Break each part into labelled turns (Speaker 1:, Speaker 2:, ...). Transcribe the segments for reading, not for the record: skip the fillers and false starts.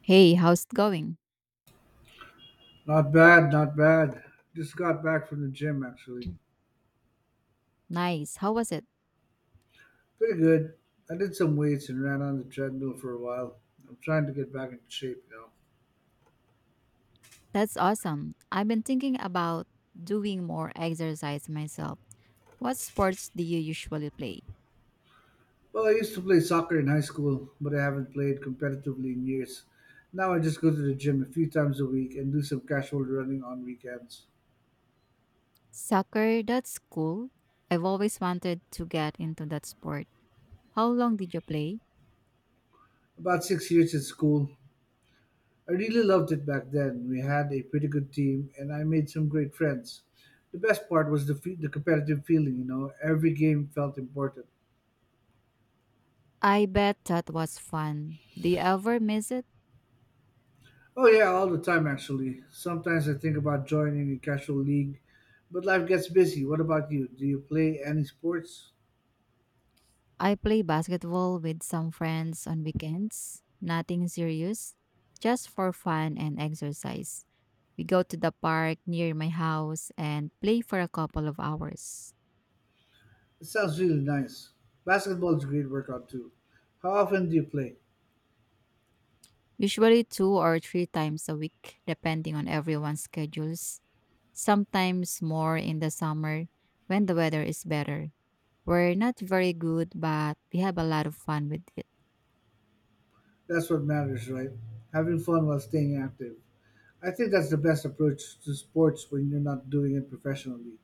Speaker 1: Hey, how's it going?
Speaker 2: Not bad, not bad. Just got back from the gym actually.
Speaker 1: Nice. How was it?
Speaker 2: Pretty good. I did some weights and ran on the treadmill for a while. I'm trying to get back into shape now.
Speaker 1: That's awesome. I've been thinking about doing more exercise myself. What sports do you usually play?
Speaker 2: Well, I used to play soccer in high school, but I haven't played competitively in years. Now I just go to the gym a few times a week and do some casual running on weekends.
Speaker 1: Soccer, that's cool. I've always wanted to get into that sport. How long did you play?
Speaker 2: About 6 years at school. I really loved it back then. We had a pretty good team and I made some great friends. The best part was the competitive feeling. Every game felt important.
Speaker 1: I bet that was fun. Do you ever miss it?
Speaker 2: Oh yeah, all the time actually. Sometimes I think about joining a casual league, but life gets busy. What about you? Do you play any sports?
Speaker 1: I play basketball with some friends on weekends, nothing serious, just for fun and exercise. We go to the park near my house and play for a couple of hours,
Speaker 2: It sounds really nice. Basketball is a great workout too. How often do you play?
Speaker 1: usually two or three times a week, depending on everyone's schedules. Sometimes more in the summer when the weather is better. We're not very good, but we have a lot of fun with it.
Speaker 2: That's what matters, right? Having fun while staying active. I think that's the best approach to sports when you're not doing it professionally.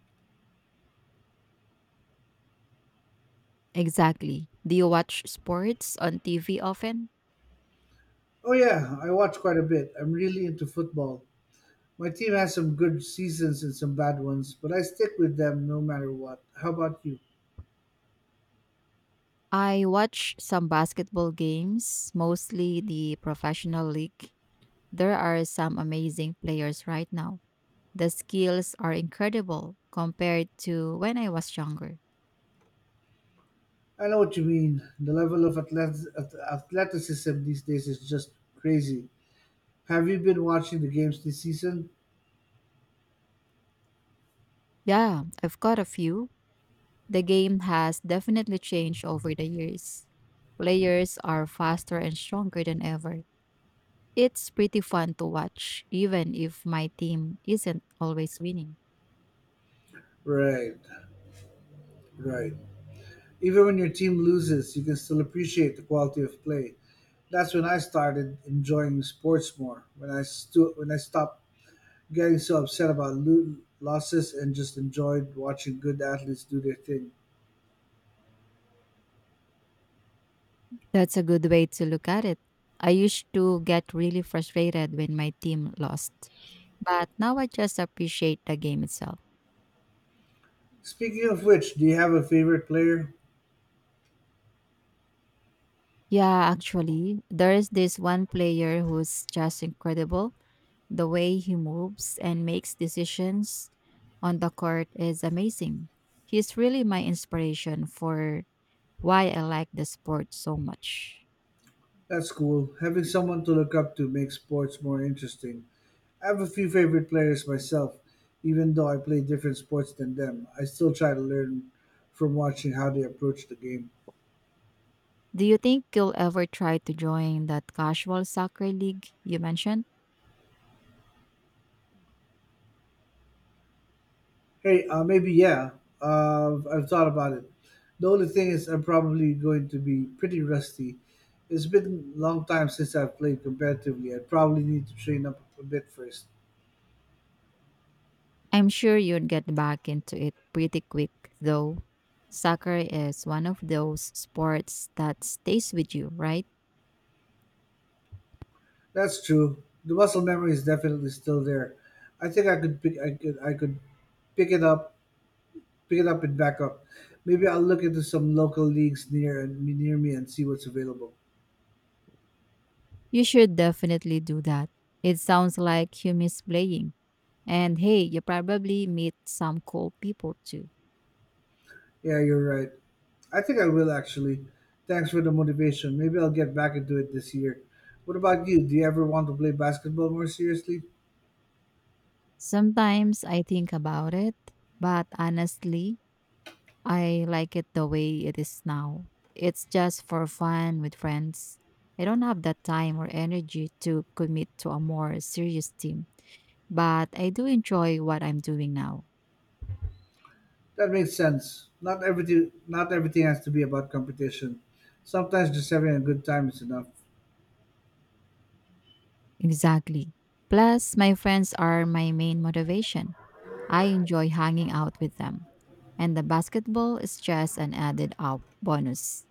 Speaker 1: Exactly. Do you watch sports on TV often?
Speaker 2: Oh yeah, I watch quite a bit. I'm really into football. My team has some good seasons and some bad ones, but I stick with them no matter what. How about you?
Speaker 1: I watch some basketball games, mostly the professional league. There are some amazing players right now. The skills are incredible compared to when I was younger.
Speaker 2: I know what you mean. The level of athleticism these days is just crazy. Have you been watching the games this season?
Speaker 1: Yeah, I've got a few. The game has definitely changed over the years. Players are faster and stronger than ever. It's pretty fun to watch, even if my team isn't always winning.
Speaker 2: Right, right. Even when your team loses, you can still appreciate the quality of play. That's when I started enjoying sports more. When when I stopped getting so upset about losses and just enjoyed watching good athletes do their thing.
Speaker 1: That's a good way to look at it. I used to get really frustrated when my team lost, but now I just appreciate the game itself.
Speaker 2: Speaking of which, do you have a favorite player?
Speaker 1: Yeah, actually, there is this one player who's just incredible. The way he moves and makes decisions on the court is amazing. He's really my inspiration for why I like the sport so much.
Speaker 2: That's cool. Having someone to look up to makes sports more interesting. I have a few favorite players myself, even though I play different sports than them. I still try to learn from watching how they approach the game.
Speaker 1: Do you think you'll ever try to join that casual soccer league you mentioned?
Speaker 2: Hey, maybe yeah. I've thought about it. The only thing is, I'm probably going to be pretty rusty. It's been a long time since I've played competitively. I probably need to train up a bit first.
Speaker 1: I'm sure you'd get back into it pretty quick, though. Soccer is one of those sports that stays with you, right?
Speaker 2: That's true. The muscle memory is definitely still there. I think I could pick. I could. I could pick it up. Pick it up and back up. Maybe I'll look into some local leagues near me and see what's available.
Speaker 1: You should definitely do that. It sounds like you miss playing. And hey, you probably meet some cool people too.
Speaker 2: Yeah, you're right. I think I will actually. Thanks for the motivation. Maybe I'll get back into it this year. What about you? Do you ever want to play basketball more seriously?
Speaker 1: Sometimes I think about it, but honestly, I like it the way it is now. It's just for fun with friends. I don't have that time or energy to commit to a more serious team, but I do enjoy what I'm doing now.
Speaker 2: That makes sense. Not everything has to be about competition. Sometimes just having a good time is enough.
Speaker 1: Exactly. Plus, my friends are my main motivation. I enjoy hanging out with them. And the basketball is just an added up bonus.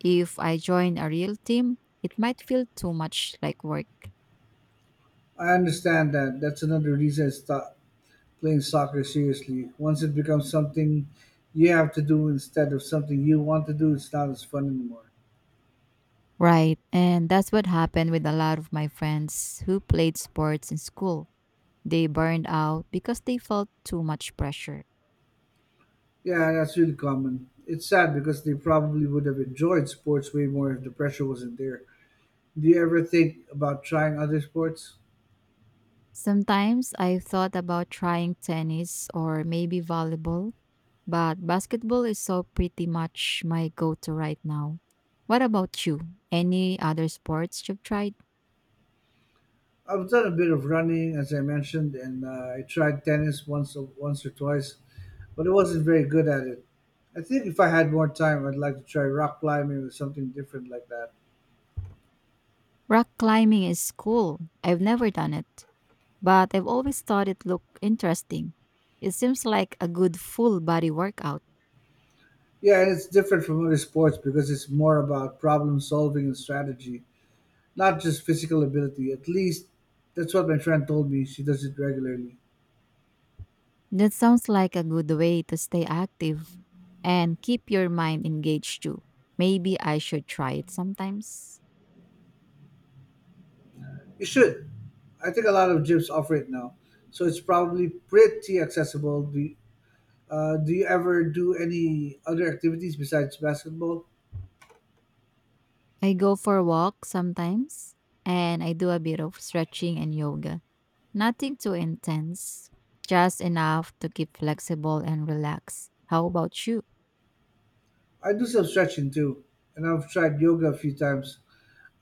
Speaker 1: If I join a real team, it might feel too much like work.
Speaker 2: I understand that. That's another reason I, sta playing soccer seriously. Once it becomes something you have to do instead of something you want to do, it's not as fun anymore.
Speaker 1: Right. And that's what happened with a lot of my friends who played sports in school. They burned out because they felt too much pressure.
Speaker 2: Yeah, that's really common. It's sad because they probably would have enjoyed sports way more if the pressure wasn't there. Do you ever think about trying other sports?
Speaker 1: Sometimes I've thought about trying tennis or maybe volleyball, but basketball is so pretty much my go to right now. What about you? Any other sports you've tried?
Speaker 2: I've done a bit of running, as I mentioned, and I tried tennis once or twice, but I wasn't very good at it. I think if I had more time, I'd like to try rock climbing or something different like that.
Speaker 1: Rock climbing is cool. I've never done it, but I've always thought it looked interesting. It seems like a good full body workout.
Speaker 2: Yeah, and it's different from other sports because it's more about problem solving and strategy, not just physical ability. At least that's what my friend told me. She does it regularly.
Speaker 1: That sounds like a good way to stay active and keep your mind engaged too. Maybe I should try it sometimes.
Speaker 2: You should. I think a lot of gyms offer it now, so it's probably pretty accessible. Do you ever do any other activities besides basketball?
Speaker 1: I go for a walk sometimes, and I do a bit of stretching and yoga. Nothing too intense, just enough to keep flexible and relaxed. How about you?
Speaker 2: I do some stretching too, and I've tried yoga a few times.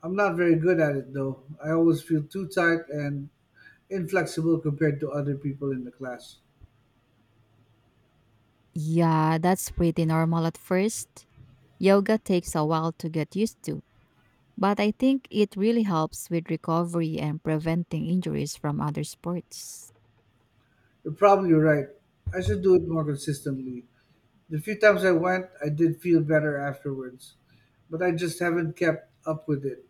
Speaker 2: I'm not very good at it though. I always feel too tight and inflexible compared to other people in the class.
Speaker 1: Yeah, that's pretty normal at first. Yoga takes a while to get used to, but I think it really helps with recovery and preventing injuries from other sports.
Speaker 2: You're probably right. I should do it more consistently. The few times I went, I did feel better afterwards, but I just haven't kept up with it.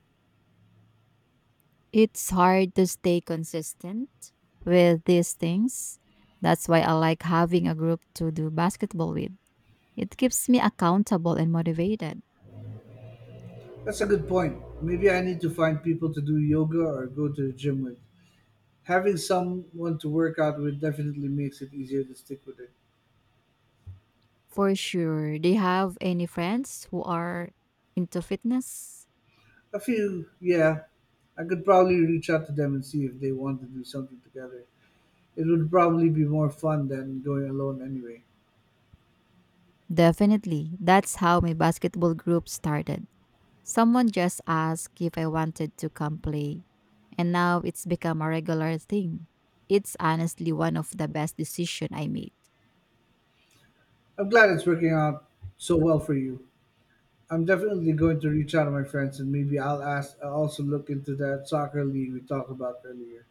Speaker 1: It's hard to stay consistent with these things. That's why I like having a group to do basketball with. It keeps me accountable and motivated.
Speaker 2: That's a good point. Maybe I need to find people to do yoga or go to the gym with. Having someone to work out with definitely makes it easier to stick with it.
Speaker 1: For sure. Do you have any friends who are into fitness?
Speaker 2: A few, yeah. I could probably reach out to them and see if they want to do something together. It would probably be more fun than going alone anyway.
Speaker 1: Definitely. That's how my basketball group started. Someone just asked if I wanted to come play, and now it's become a regular thing. It's honestly one of the best decisions I made.
Speaker 2: I'm glad it's working out so well for you. I'm definitely going to reach out to my friends and maybe I'll ask I'll also look into that soccer league we talked about earlier.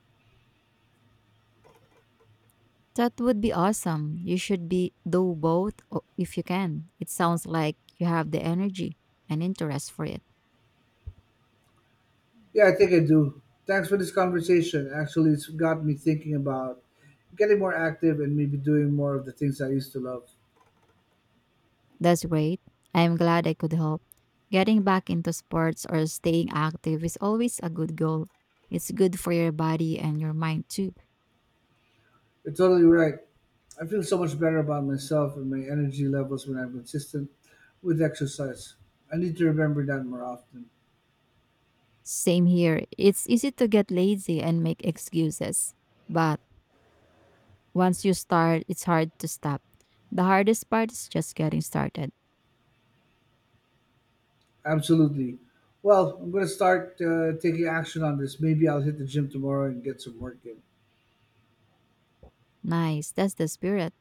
Speaker 1: That would be awesome. You should be do both o- if you can. It sounds like you have the energy and interest for it.
Speaker 2: Yeah, I think I do. Thanks for this conversation. Actually, it's got me thinking about getting more active and maybe doing more of the things I used to love.
Speaker 1: That's great. I'm glad I could help. Getting back into sports or staying active is always a good goal. It's good for your body and your mind too.
Speaker 2: You're totally right. I feel so much better about myself and my energy levels when I'm consistent with exercise. I need to remember that more often.
Speaker 1: Same here. It's easy to get lazy and make excuses. But once you start, it's hard to stop. The hardest part is just getting started.
Speaker 2: Absolutely. Well, I'm going to start taking action on this. Maybe I'll hit the gym tomorrow and get some work in.
Speaker 1: Nice. That's the spirit.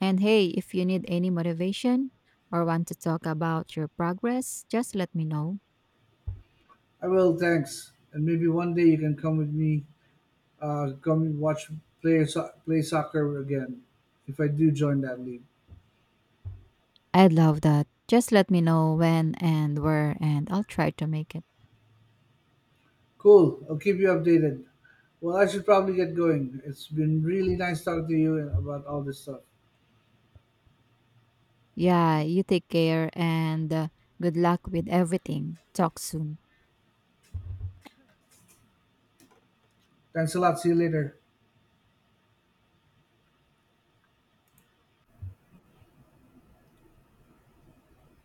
Speaker 1: And hey, if you need any motivation or want to talk about your progress, just let me know.
Speaker 2: I will, thanks. And maybe one day you can come with me, come and watch play play soccer again, if I do join that league.
Speaker 1: I'd love that. Just let me know when and where, and I'll try to make it.
Speaker 2: Cool. I'll keep you updated. Well, I should probably get going. It's been really nice talking to you about all this stuff.
Speaker 1: Yeah, you take care and good luck with everything. Talk soon.
Speaker 2: Thanks a lot. See you later.